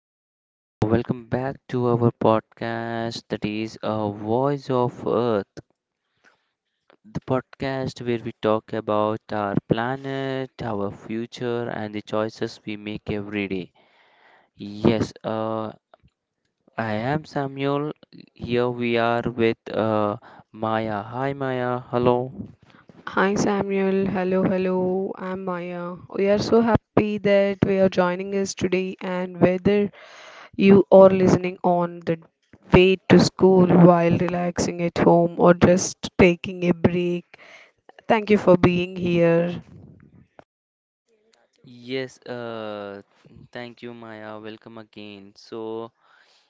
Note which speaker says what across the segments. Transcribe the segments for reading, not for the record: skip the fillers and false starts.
Speaker 1: and welcome back to our podcast, that is a Voice of Earth, the podcast where we talk about our planet, our future, and the choices we make every day. yes uh, I am Samuel. Here we are with uh, Maya. Hi Maya, hello.
Speaker 2: Hi Samuel, hello, hello, I'm Maya. We are so happy that we are joining us today, and whether you are listening on the way to school while relaxing at home or just taking a break, thank you for being here.
Speaker 1: yes uh, Thank you Maya, welcome again. So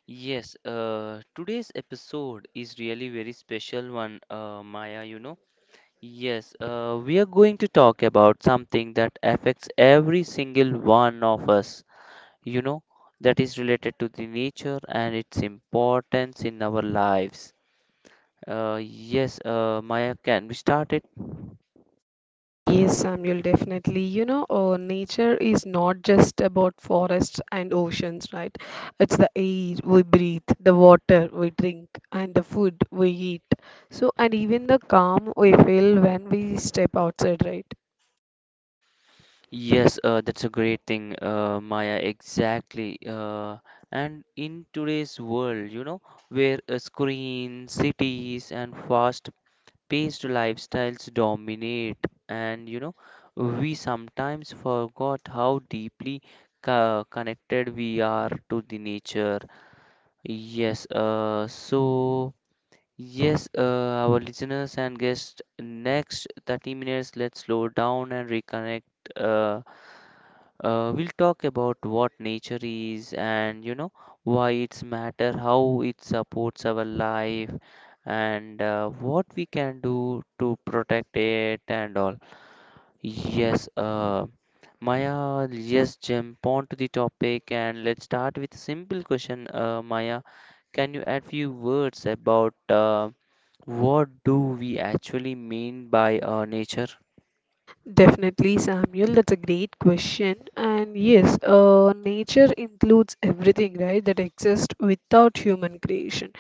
Speaker 1: yes, today's episode is really very special one, Maya, Yes, we are going to talk about something that affects every single one of us, you know, that is related to the nature and its importance in our lives. Yes, Maya, can we start it?
Speaker 2: Yes, Samuel, definitely. You know, nature is not just about forests and oceans, right? It's the air we breathe, the water we drink, and the food we eat. So, and even the calm we feel when we step outside, right?
Speaker 1: Yes, that's a great thing, Maya, exactly. And in today's world, where screens, cities, and fast based lifestyles dominate, and we sometimes forgot how deeply connected we are to the nature. yes uh, so Yes, our listeners and guests, next 30 minutes, let's slow down and reconnect. Uh, we'll talk about what nature is, and why it's matter, how it supports our life, and what we can do to protect it and all. Yes, Maya, yes, jump on to the topic and let's start with a simple question, Maya. Can you add few words about what do we actually mean by nature?
Speaker 2: Definitely, Samuel, that's a great question. And yes, nature includes everything, right, that exists without human creation.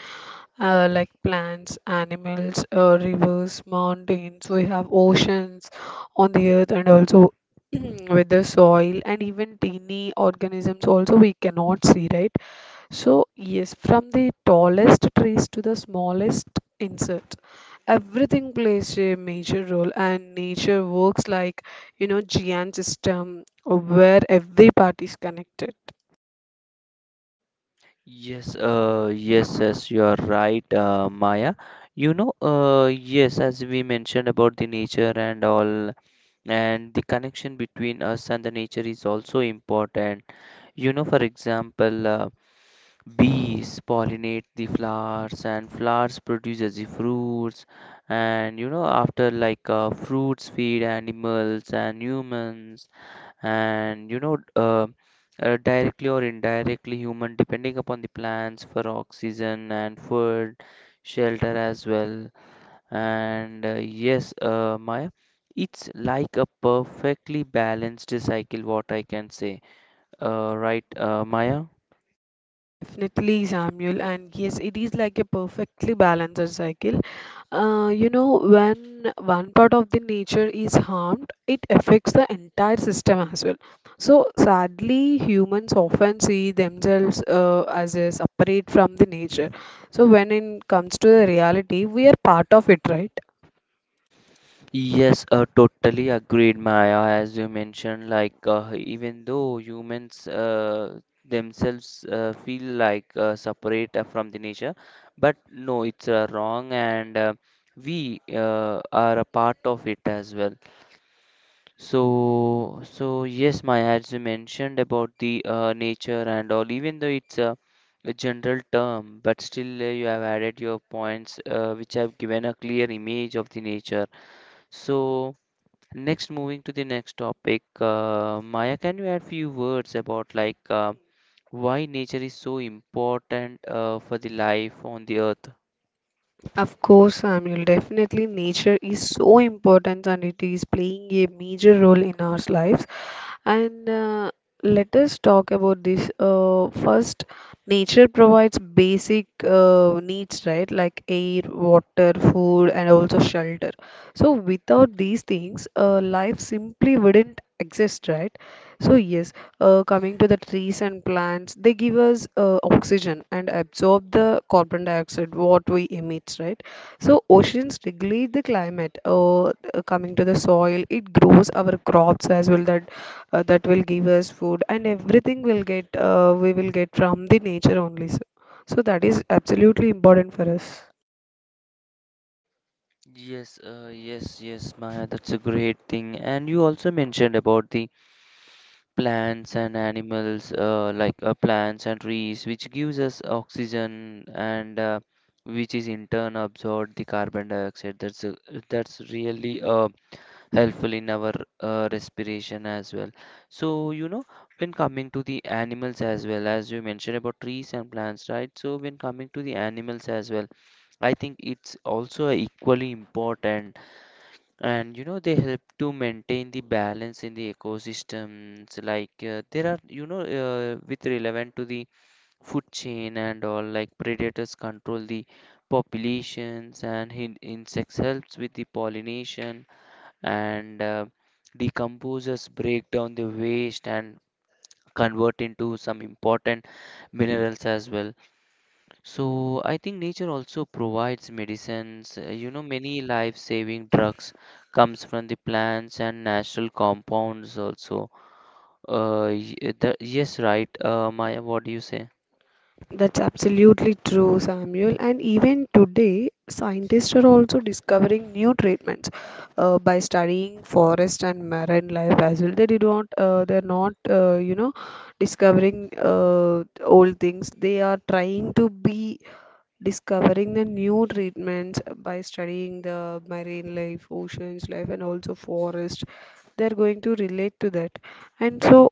Speaker 2: Like plants, animals, rivers, mountains. We have oceans on the earth and also with the soil and even teeny organisms also we cannot see, right? So yes, from the tallest trees to the smallest insect, everything plays a major role, and nature works like giant system where every part is connected.
Speaker 1: Yes, you are right, Maya. Yes, as we mentioned about the nature and all, and the connection between us and the nature is also important. You know, for example, bees pollinate the flowers, and flowers produces the fruits, and you know, after like fruits feed animals and humans, and directly or indirectly human depending upon the plants for oxygen and food, shelter as well. And Maya, it's like a perfectly balanced cycle, what I can say, right, Maya?
Speaker 2: Definitely, Samuel, and yes, it is like a perfectly balanced cycle. You know, when one part of the nature is harmed, it affects the entire system as well. So, sadly, humans often see themselves as a separate from the nature. So, when it comes to the reality, we are part of it, right?
Speaker 1: Yes, totally agreed, Maya. As you mentioned, like even though humans themselves feel like separate from the nature, but no, it's wrong, and we are a part of it as well. So yes, Maya, as you mentioned about the nature and all, even though it's a general term, but still you have added your points, which have given a clear image of the nature. So. Next, moving to the next topic, Maya, can you add few words about like why nature is so important for the life on the earth?
Speaker 2: Of course, Samuel, definitely nature is so important and it is playing a major role in our lives. And let us talk about this. First, nature provides basic needs, right? Like air, water, food, and also shelter. So without these things, life simply wouldn't exist, right? So yes, coming to the trees and plants, they give us oxygen and absorb the carbon dioxide what we emit, right? So oceans regulate the climate. Coming to the soil, it grows our crops as well. That will give us food and everything will get we will get from the nature only, so, so that is absolutely important for us.
Speaker 1: Yes, Maya, that's a great thing. And you also mentioned about the plants and animals, like plants and trees, which gives us oxygen and which is in turn absorb the carbon dioxide. That's a, that's really helpful in our respiration as well. So, you know, when coming to the animals as well, as you mentioned about trees and plants, right? So, when coming to the animals as well, I think it's also equally important, and you know, they help to maintain the balance in the ecosystems. Like, there are, you know, with relevant to the food chain and all like predators control the populations and hin- insects helps with the pollination and decomposers break down the waste and convert into some important minerals as well. So I think nature also provides medicines. You know, many life-saving drugs comes from the plants and natural compounds also. Y- the, yes, right, Maya, what do you say?
Speaker 2: That's absolutely true, Samuel, and even today scientists are also discovering new treatments by studying forest and marine life as well. They do not they're not You know, discovering uh, old things they are trying to be discovering the new treatments by studying the marine life, oceans life, and also forest. They're going to relate to that. And so,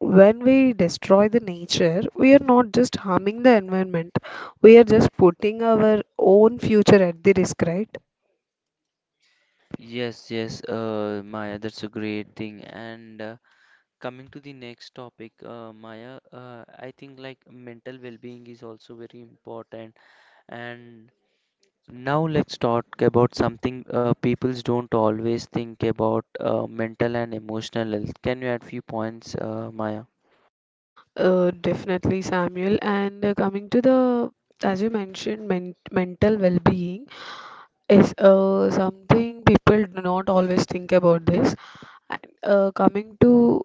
Speaker 2: when we destroy the nature, we are not just harming the environment, we are just putting our own future at the risk, right?
Speaker 1: Yes, yes, Maya, that's a great thing. And Coming to the next topic, Maya, I think like mental well-being is also very important. And now let's talk about something people don't always think about, mental and emotional health. Can you add few points, Maya?
Speaker 2: Definitely, Samuel. And coming to the, As you mentioned, mental well-being is something people do not always think about this. And coming to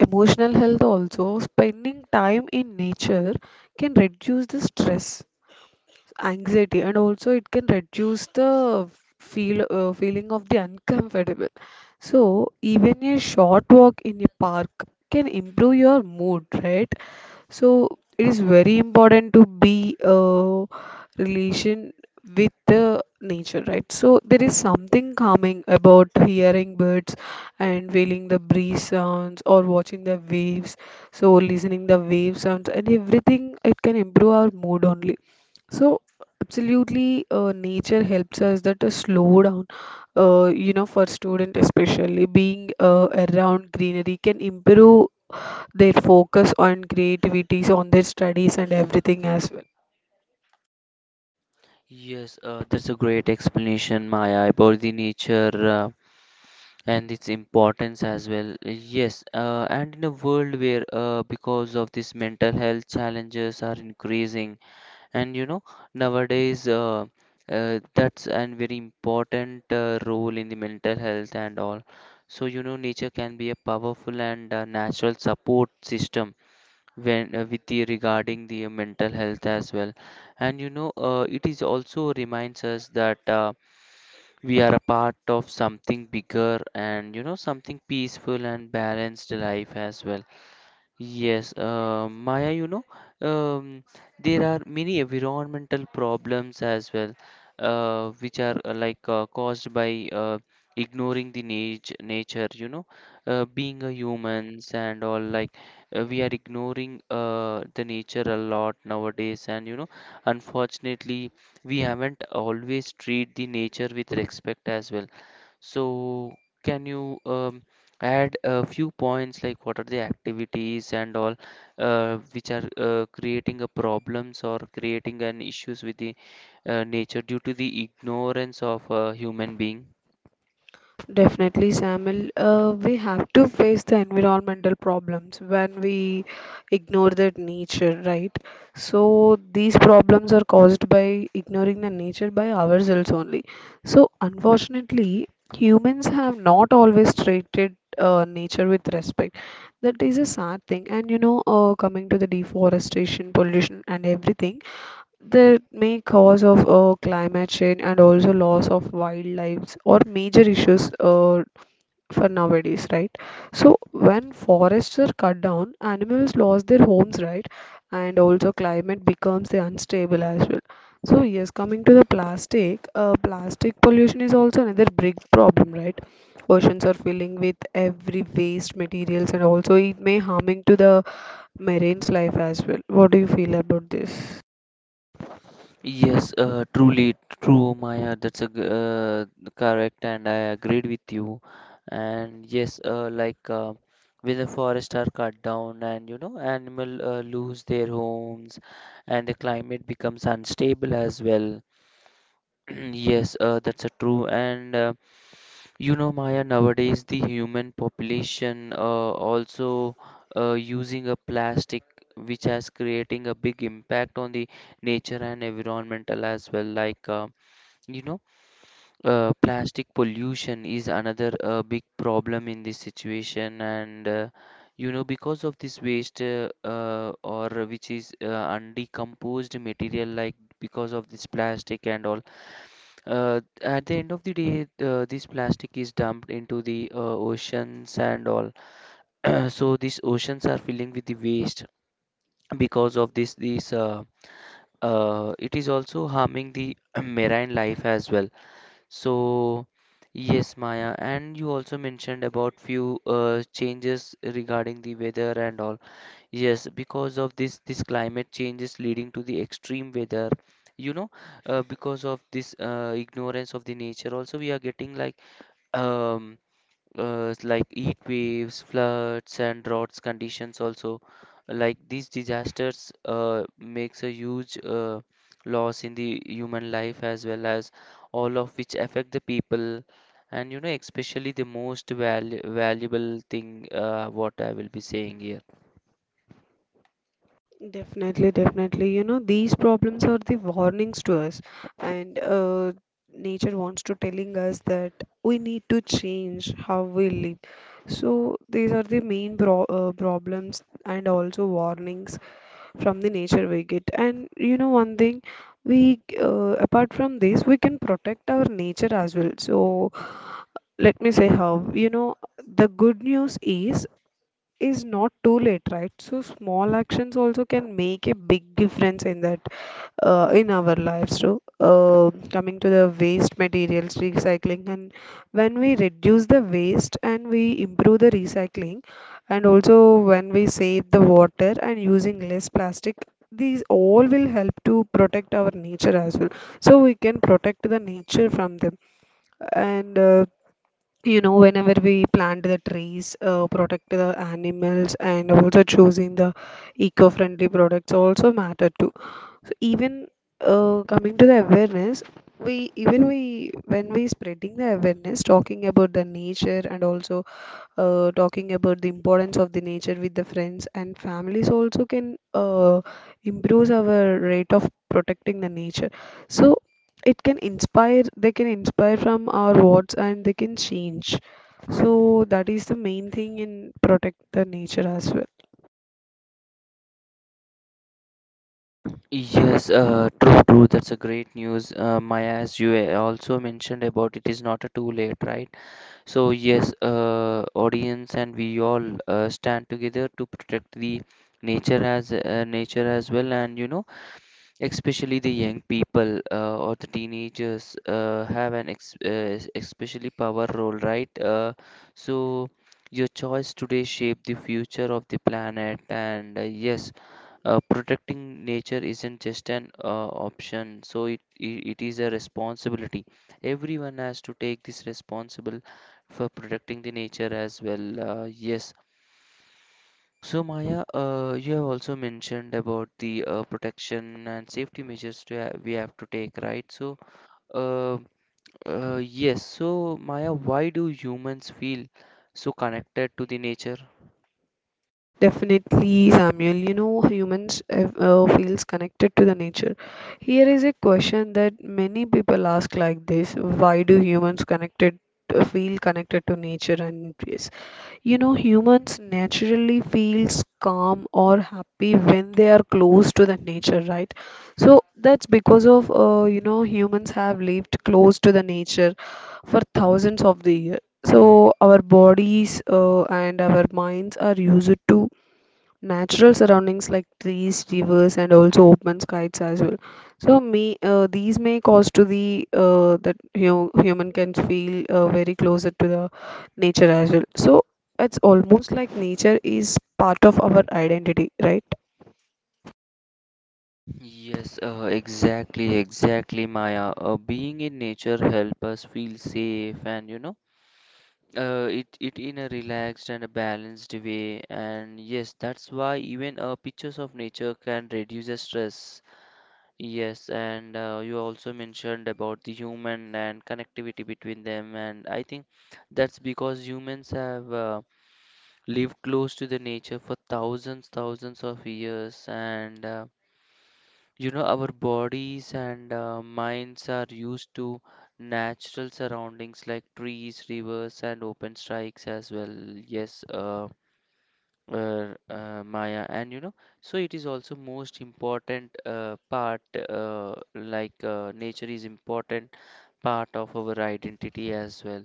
Speaker 2: emotional health also, spending time in nature can reduce the stress, anxiety, and also it can reduce the feeling of the uncomfortable. So even a short walk in a park can improve your mood, right? So it is very important to be a relation with the nature, right? So there is something calming about hearing birds and feeling the breeze sounds or watching the waves. So listening the wave sounds and everything, it can improve our mood only. So absolutely, nature helps us that to slow down. You know, for student especially, being around greenery can improve their focus on creativity, on their studies and everything as well.
Speaker 1: Yes, that's a great explanation, Maya, about the nature and its importance as well. Yes, and in a world where, because of this mental health challenges are increasing, and nowadays that's a very important role in the mental health and all. So nature can be a powerful and natural support system when with the regarding the mental health as well. And it is also reminds us that we are a part of something bigger, and something peaceful and balanced life as well. Yes, Maya, um, there are many environmental problems as well, which are like caused by ignoring the nature, you know, being a humans and all, like we are ignoring the nature a lot nowadays, and you know, unfortunately, we haven't always treat the nature with respect as well. So can you add a few points, like what are the activities and all, which are creating a problems or creating an issues with the nature due to the ignorance of a human being?
Speaker 2: Definitely, Samuel. We have to face the environmental problems when we ignore that nature, right? So these problems are caused by ignoring the nature by ourselves only. So unfortunately, humans have not always treated nature with respect. That is a sad thing. And you know, coming to the deforestation, pollution, and everything. The main cause of climate change and also loss of wildlife or major issues for nowadays, right? So when forests are cut down, animals lost their homes, right? And also climate becomes the unstable as well. So yes, coming to the plastic, plastic pollution is also another big problem, right? Oceans are filling with every waste materials and also it may harming to the marine's life as well. What do you feel about this?
Speaker 1: Yes, truly true, Maya. That's correct, and I agreed with you. And yes, like when the forests are cut down, and you know, animal lose their homes, and the climate becomes unstable as well. Yes, that's a true. And you know, Maya, nowadays the human population also using a plastic, which has creating a big impact on the nature and environmental as well. Like, you know, plastic pollution is another big problem in this situation. And, you know, because of this waste, or which is undecomposed material, like because of this plastic and all, at the end of the day, this plastic is dumped into the oceans and all. So these oceans are filling with the waste because of this. This it is also harming the marine life as well. So yes, Maya, and you also mentioned about few changes regarding the weather and all. Yes, because of this, climate change is leading to the extreme weather. You know, because of this ignorance of the nature, also we are getting um, like heat waves, floods, and droughts conditions. Also, like these disasters makes a huge loss in the human life, as well as all of which affect the people, and you know, especially the most valuable thing what I will be saying here.
Speaker 2: Definitely, definitely. You know, these problems are the warnings to us, and nature wants to telling us that we need to change how we live. So these are the main problems and also warnings from the nature we get. And you know, one thing we apart from this, we can protect our nature as well. So let me say how. You know, the good news is not too late, right? So small actions also can make a big difference in that in our lives. So coming to the waste materials recycling, and when we reduce the waste and we improve the recycling, and also when we save the water and using less plastic. These all will help to protect our nature as well. So we can protect the nature from them. And you know whenever we plant the trees, protect the animals and also choosing the eco-friendly products also matter too. So even coming to the awareness, we even we when we spreading the awareness, talking about the nature and also talking about the importance of the nature with the friends and families also can improves our rate of protecting the nature. So it can inspire, they can inspire from our words and they can change. So that is the main thing in protect the nature as well.
Speaker 1: Yes, true, true. That's a great news, Maya. As you also mentioned about it is not a too late, right? So yes, audience, and we all stand together to protect the nature as well, and you know, especially the young people or the teenagers have an ex especially power role, right? So your choice today shape the future of the planet, and yes, protecting nature isn't just an option, so it is a responsibility. Everyone has to take this responsible for protecting the nature as well. Yes. So Maya, you have also mentioned about the protection and safety measures to ha we have to take, right? So, uh, yes. So Maya, why do humans feel so connected to the nature?
Speaker 2: Definitely, Samuel. You know, humans feels connected to the nature. Here is a question that many people ask like this: Why do humans connected feel connected to nature and trees? You know, humans naturally feels calm or happy when they are close to the nature, right? So that's because of you know, humans have lived close to the nature for thousands of the years. So our bodies and our minds are used to natural surroundings like trees, rivers, and also open skies as well. So these may cause to the that you know, human can feel very closer to the nature as well. So it's almost like nature is part of our identity, right?
Speaker 1: Yes, exactly, exactly, Maya. Being in nature help us feel safe, and you know, it in a relaxed and a balanced way. And yes, that's why even pictures of nature can reduce the stress. Yes, and you also mentioned about the human and connectivity between them, and I think that's because humans have lived close to the nature for thousands of years, and you know our bodies and minds are used to natural surroundings like trees, rivers, and open strikes as well. Yes, Maya, and you know, so it is also most important part, like nature is important part of our identity as well.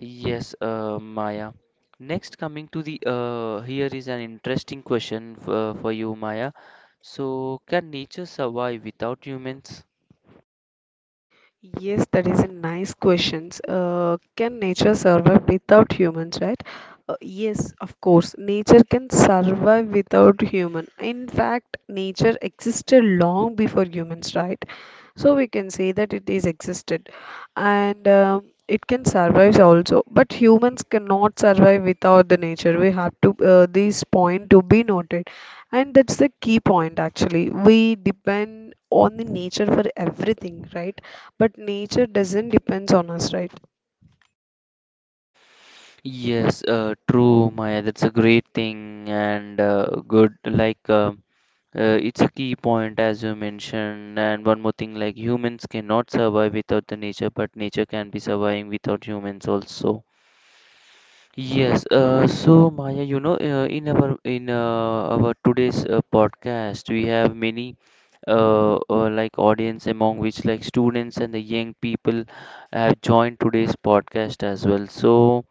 Speaker 1: Yes, Maya. Next, coming to the here is an interesting question for you, Maya. So, can nature survive without humans?
Speaker 2: Yes, that is a nice question. Can nature survive without humans, right? Yes, of course. Nature can survive without human. In fact, nature existed long before humans, right? So we can say that it is existed, and it can survive also. But humans cannot survive without the nature. We have to this point to be noted, and that's the key point actually. We depend on the nature for everything, right? But nature doesn't depends on us, right?
Speaker 1: Yes, true, Maya. That's a great thing, and good. It's a key point as you mentioned. And one more thing, like humans cannot survive without the nature, but nature can be surviving without humans also. Yes. So Maya, you know, in our today's podcast, we have many like audience, among which like students and the young people have joined today's podcast as well. So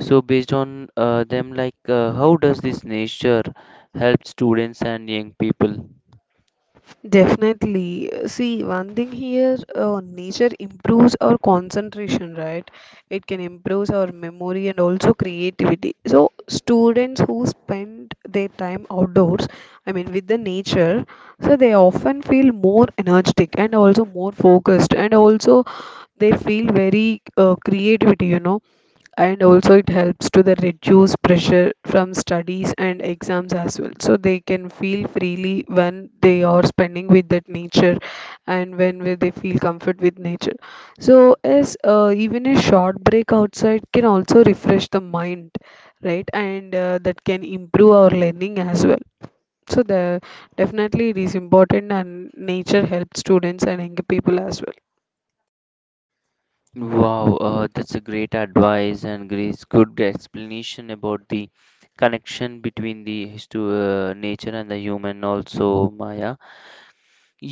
Speaker 1: so based on them, like how does this nature help students and young people?
Speaker 2: Definitely. See, one thing here, nature improves our concentration, right? It can improve our memory and also creativity. So students who spend their time outdoors, I mean with the nature, so they often feel more energetic and also more focused, and also they feel very creativity, you know. And also it helps to the reduce pressure from studies and exams as well, so they can feel freely when they are spending with that nature and when where they feel comfort with nature. So as even a short break outside can also refresh the mind, right? And that can improve our learning as well. So the definitely it is important, and nature helps students and young people as well.
Speaker 1: Wow, that's a great advice and great good explanation about the connection between the nature and the human also, Maya.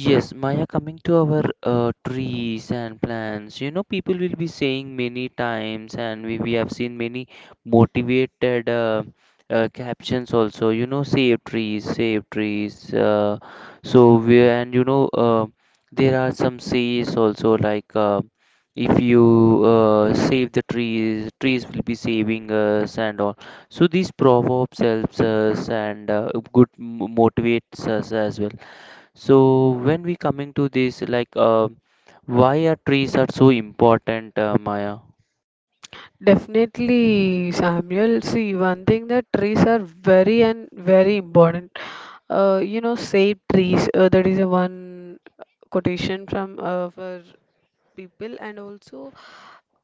Speaker 1: Yes, Maya, coming to our trees and plants, you know, people will be saying many times, and we have seen many motivated captions also, you know, save trees, save trees. So, we, and you know, there are some says also, like if you save the trees, trees will be saving us, and all. So, these proverbs helps us and motivates us as well, so when we coming to this, like why are trees are so important, Maya?
Speaker 2: Definitely, Samuel. See, one thing that trees are very and very important. You know, save trees. That is a one quotation from for people. And also,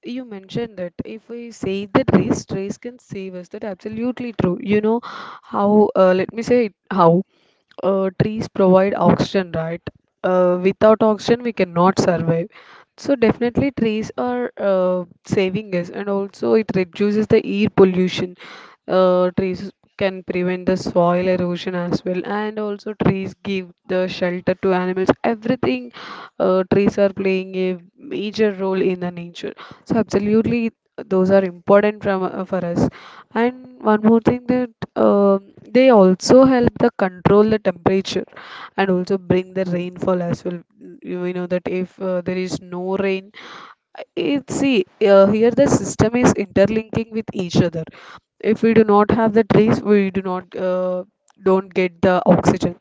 Speaker 2: you mentioned that if we save the trees, trees can save us. That absolutely true. You know how? Let me say how. Trees provide oxygen, right? Without oxygen, we cannot survive. So definitely trees are saving us, and also it reduces the air pollution. Trees can prevent the soil erosion as well, and also trees give the shelter to animals. Everything, trees are playing a major role in the nature. So absolutely those are important from for us. And one more thing that um they also help the control the temperature and also bring the rainfall as well. You know that if there is no rain, it see here the system is interlinking with each other. If we do not have the trees, we do not uh, don't get the oxygen.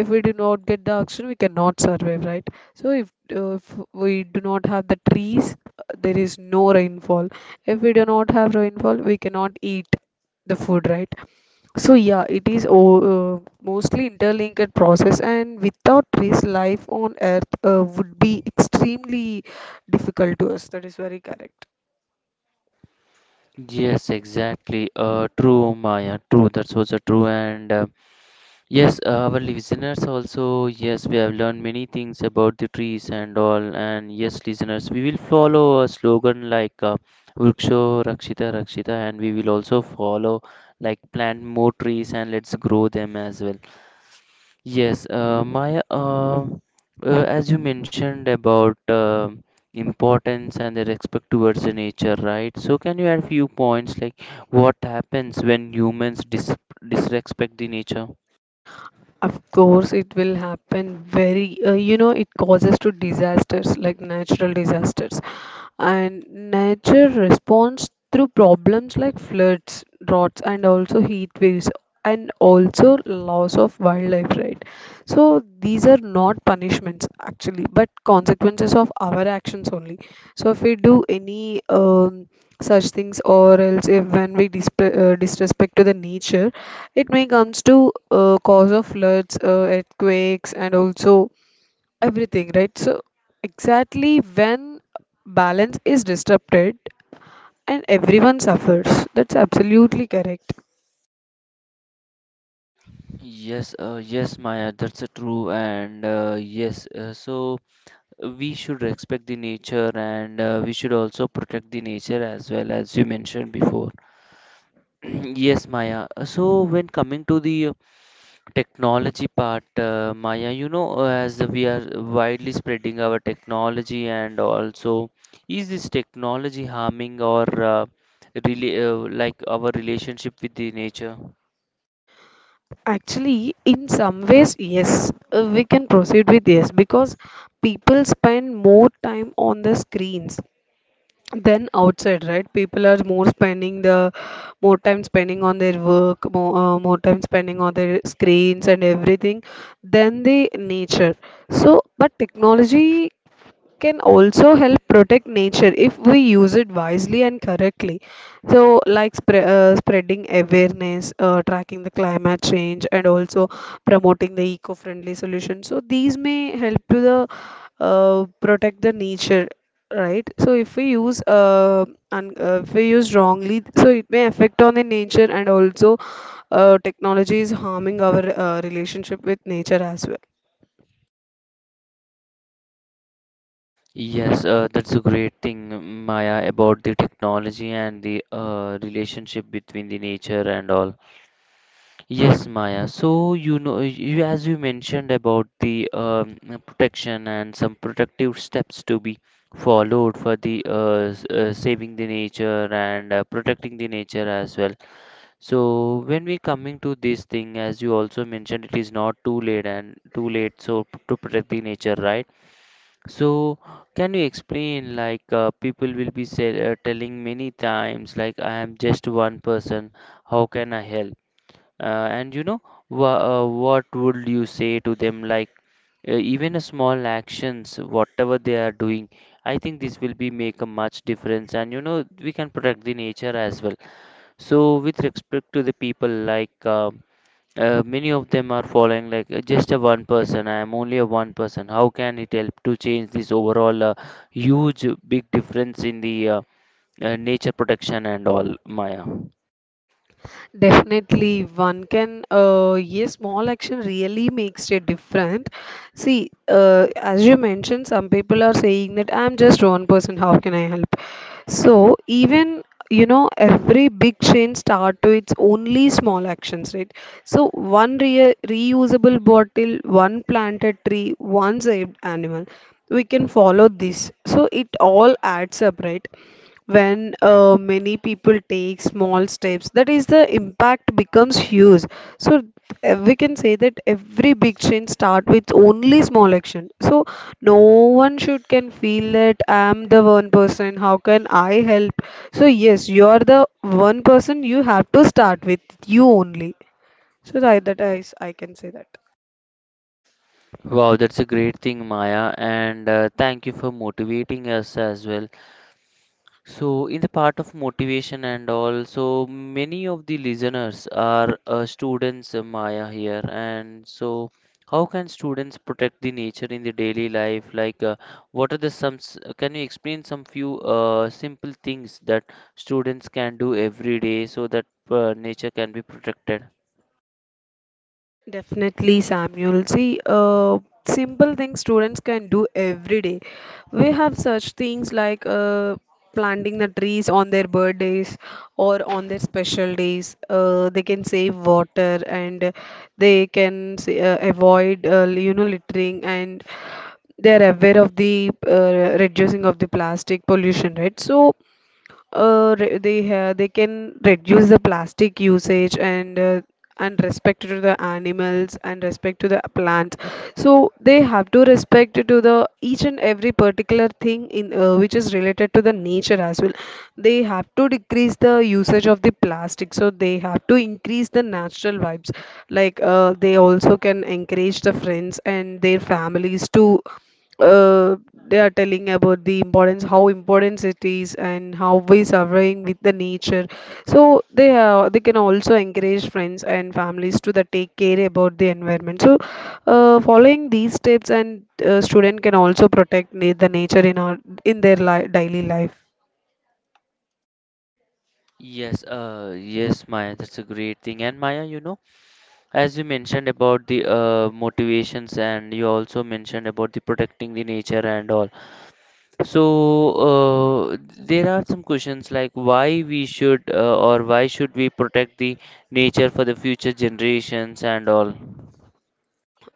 Speaker 2: If we do not get the oxygen, we cannot survive, right? So if we do not have the trees, there is no rainfall. If we do not have rainfall, we cannot eat the food, right? So yeah, it is mostly interlinked process, and without trees life on earth would be extremely difficult to us. That is very correct.
Speaker 1: Yes, exactly. True, Maya. True. That's also true. And yes, our listeners also. Yes, we have learned many things about the trees and all. And yes, listeners, we will follow a slogan like "Vriksho Rakshita Rakshita," and we will also follow like plant more trees and let's grow them as well. Yes, Maya, as you mentioned about importance and the respect towards the nature, right? So can you add few points like what happens when humans disrespect the nature?
Speaker 2: Of course, it will happen very, you know, it causes to disasters like natural disasters. And nature responds through problems like floods, droughts, and also heat waves, and also loss of wildlife, right? So these are not punishments actually, but consequences of our actions only. So if we do any such things, or else if when we disp disrespect to the nature, it may comes to cause of floods, earthquakes, and also everything, right? So, exactly when balance is disrupted and everyone suffers, that's absolutely correct.
Speaker 1: Yes, yes, Maya, that's a true, and yes, so we should respect the nature and we should also protect the nature as well as you mentioned before. Yes, Maya. So when coming to the technology part, Maya, you know, as we are widely spreading our technology and also, is this technology harming or really like our relationship with the nature?
Speaker 2: Actually, in some ways, yes, we can proceed with yes because people spend more time on the screens than outside, right? People are more spending the more time spending on their work, more time spending on their screens and everything than the nature. So, but technology can also help protect nature if we use it wisely and correctly. So, like spreading awareness, tracking the climate change, and also promoting the eco-friendly solutions. So, these may help to the protect the nature, right? So, if we use un if we use wrongly, so it may affect on the nature and also technology is harming our relationship with nature as well.
Speaker 1: Yes, that's a great thing, Maya, about the technology and the relationship between the nature and all. Yes, Maya. So, you know, you, as you mentioned about the protection and some protective steps to be followed for the saving the nature and protecting the nature as well. So, when we coming to this thing, as you also mentioned, it is not too late and too late so to protect the nature, right? So, can you explain like people will be say, telling many times like I am just one person, how can I help? And you know, what would you say to them? Like, even a small actions, whatever they are doing, I think this will be make a much difference. And you know, we can protect the nature as well. So, with respect to the people, like many of them are following like just a one person. I am only a one person. How can it help to change this overall huge big difference in the nature protection and all, Maya?
Speaker 2: Definitely, one can, yes, small action really makes a difference. See, as you mentioned, some people are saying that I'm just one person, how can I help? So even, you know, every big chain start to its only small actions, right? So one reusable bottle, one planted tree, one saved animal. We can follow this. So it all adds up, right? When many people take small steps, that is the impact becomes huge. So we can say that every big change start with only small action. So no one should can feel that I'm the one person, how can I help? So yes, you're the one person, you have to start with you only. So that, that is I can say that.
Speaker 1: Wow, that's a great thing, Maya, and thank you for motivating us as well. So, in the part of motivation and all, so many of the listeners are students, Maya, here, and so how can students protect the nature in the daily life? Like, what are the some? Can you explain some few simple things that students can do every day so that nature can be protected?
Speaker 2: Definitely, Samuel. See, simple things students can do every day. We have such things like planting the trees on their birthdays or on their special days. They can save water and they can avoid, littering, and they are aware of the reducing of the plastic pollution, right? So they can reduce the plastic usage and respect to the animals and respect to the plants. So they have to respect to the each and every particular thing in which is related to the nature as well. They have to decrease the usage of the plastic, so they have to increase the natural vibes. Like they also can encourage the friends and their families to uh, they are telling about the importance, how important it is, and how we surveying with the nature. So they can also encourage friends and families to the take care about the environment. So following these steps, and student can also protect the nature in our in their li daily life.
Speaker 1: Yes, yes, Maya, that's a great thing. And Maya, you know. As you mentioned about the motivations, and you also mentioned about the protecting the nature and all. So there are some questions like why we should or why should we protect the nature for the future generations and all.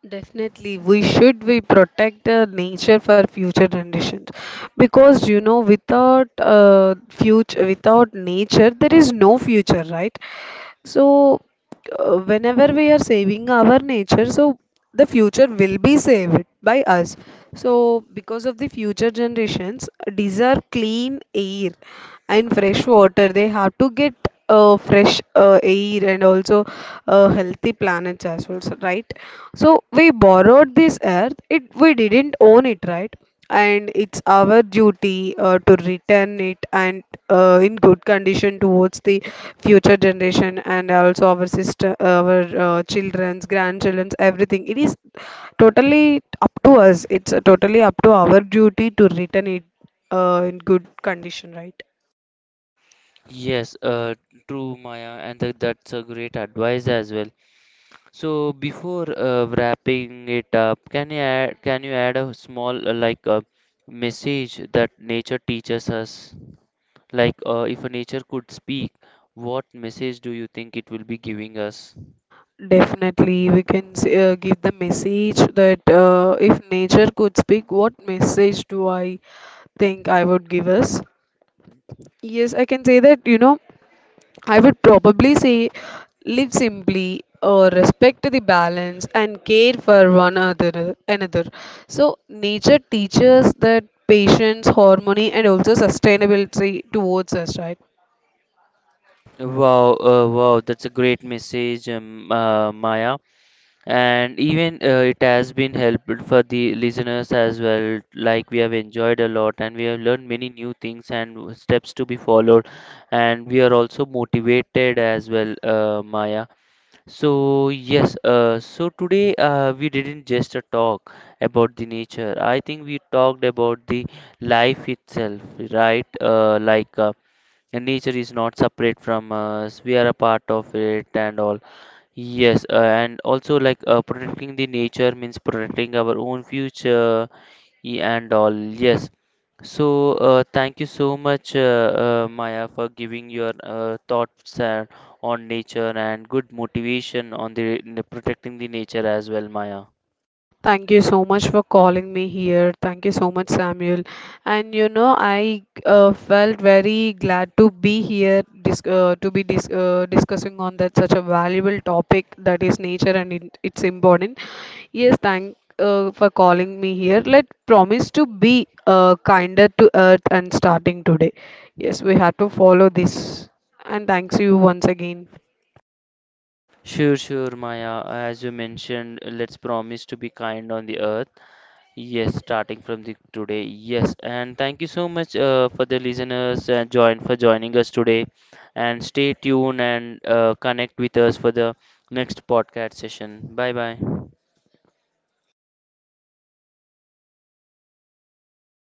Speaker 2: Definitely, we should we protect the nature for future generations, because you know without future, without nature there is no future, right? So, whenever we are saving our nature, so the future will be saved by us. So, because of the future generations, deserve clean air and fresh water. They have to get fresh air and also healthy planets as well, so- right? So, we borrowed this earth, it we didn't own it, right? And it's our duty to return it and in good condition towards the future generation and also our sister our children's grandchildren's everything. It is totally up to us. It's totally up to our duty to return it in good condition, right?
Speaker 1: Yes, true, Maya, and that's a great advice as well. So before wrapping it up, can you add a small like a message that nature teaches us? Like, if a nature could speak, what message do you think it will be giving us?
Speaker 2: Definitely, we can give the message that if nature could speak, what message do I think I would give us? Yes, I can say that, you know, I would probably say live simply or respect the balance and care for one other another. So nature teaches that patience, harmony and also sustainability towards us, right?
Speaker 1: Wow, wow, that's a great message, Maya. And even it has been helpful for the listeners as well. Like, we have enjoyed a lot and we have learned many new things and steps to be followed. And we are also motivated as well, Maya. So yes, so today we didn't just talk about the nature. I think we talked about the life itself, right? Like and nature is not separate from us, we are a part of it and all. Yes, and also like protecting the nature means protecting our own future and all. Yes. So, thank you so much, Maya, for giving your thoughts on nature and good motivation on the protecting the nature as well, Maya.
Speaker 2: Thank you so much for calling me here. Thank you so much, Samuel. And you know, I felt very glad to be here, dis to be dis discussing on that such a valuable topic that is nature and it's important. Yes, thank for calling me here. Let promise to be kinder to Earth and starting today. Yes, we have to follow this. And thanks you once again.
Speaker 1: Sure, sure, Maya. As you mentioned, let's promise to be kind on the earth. Yes, starting from the today. Yes, and thank you so much for the listeners join for joining us today, and stay tuned and connect with us for the next podcast session. Bye bye.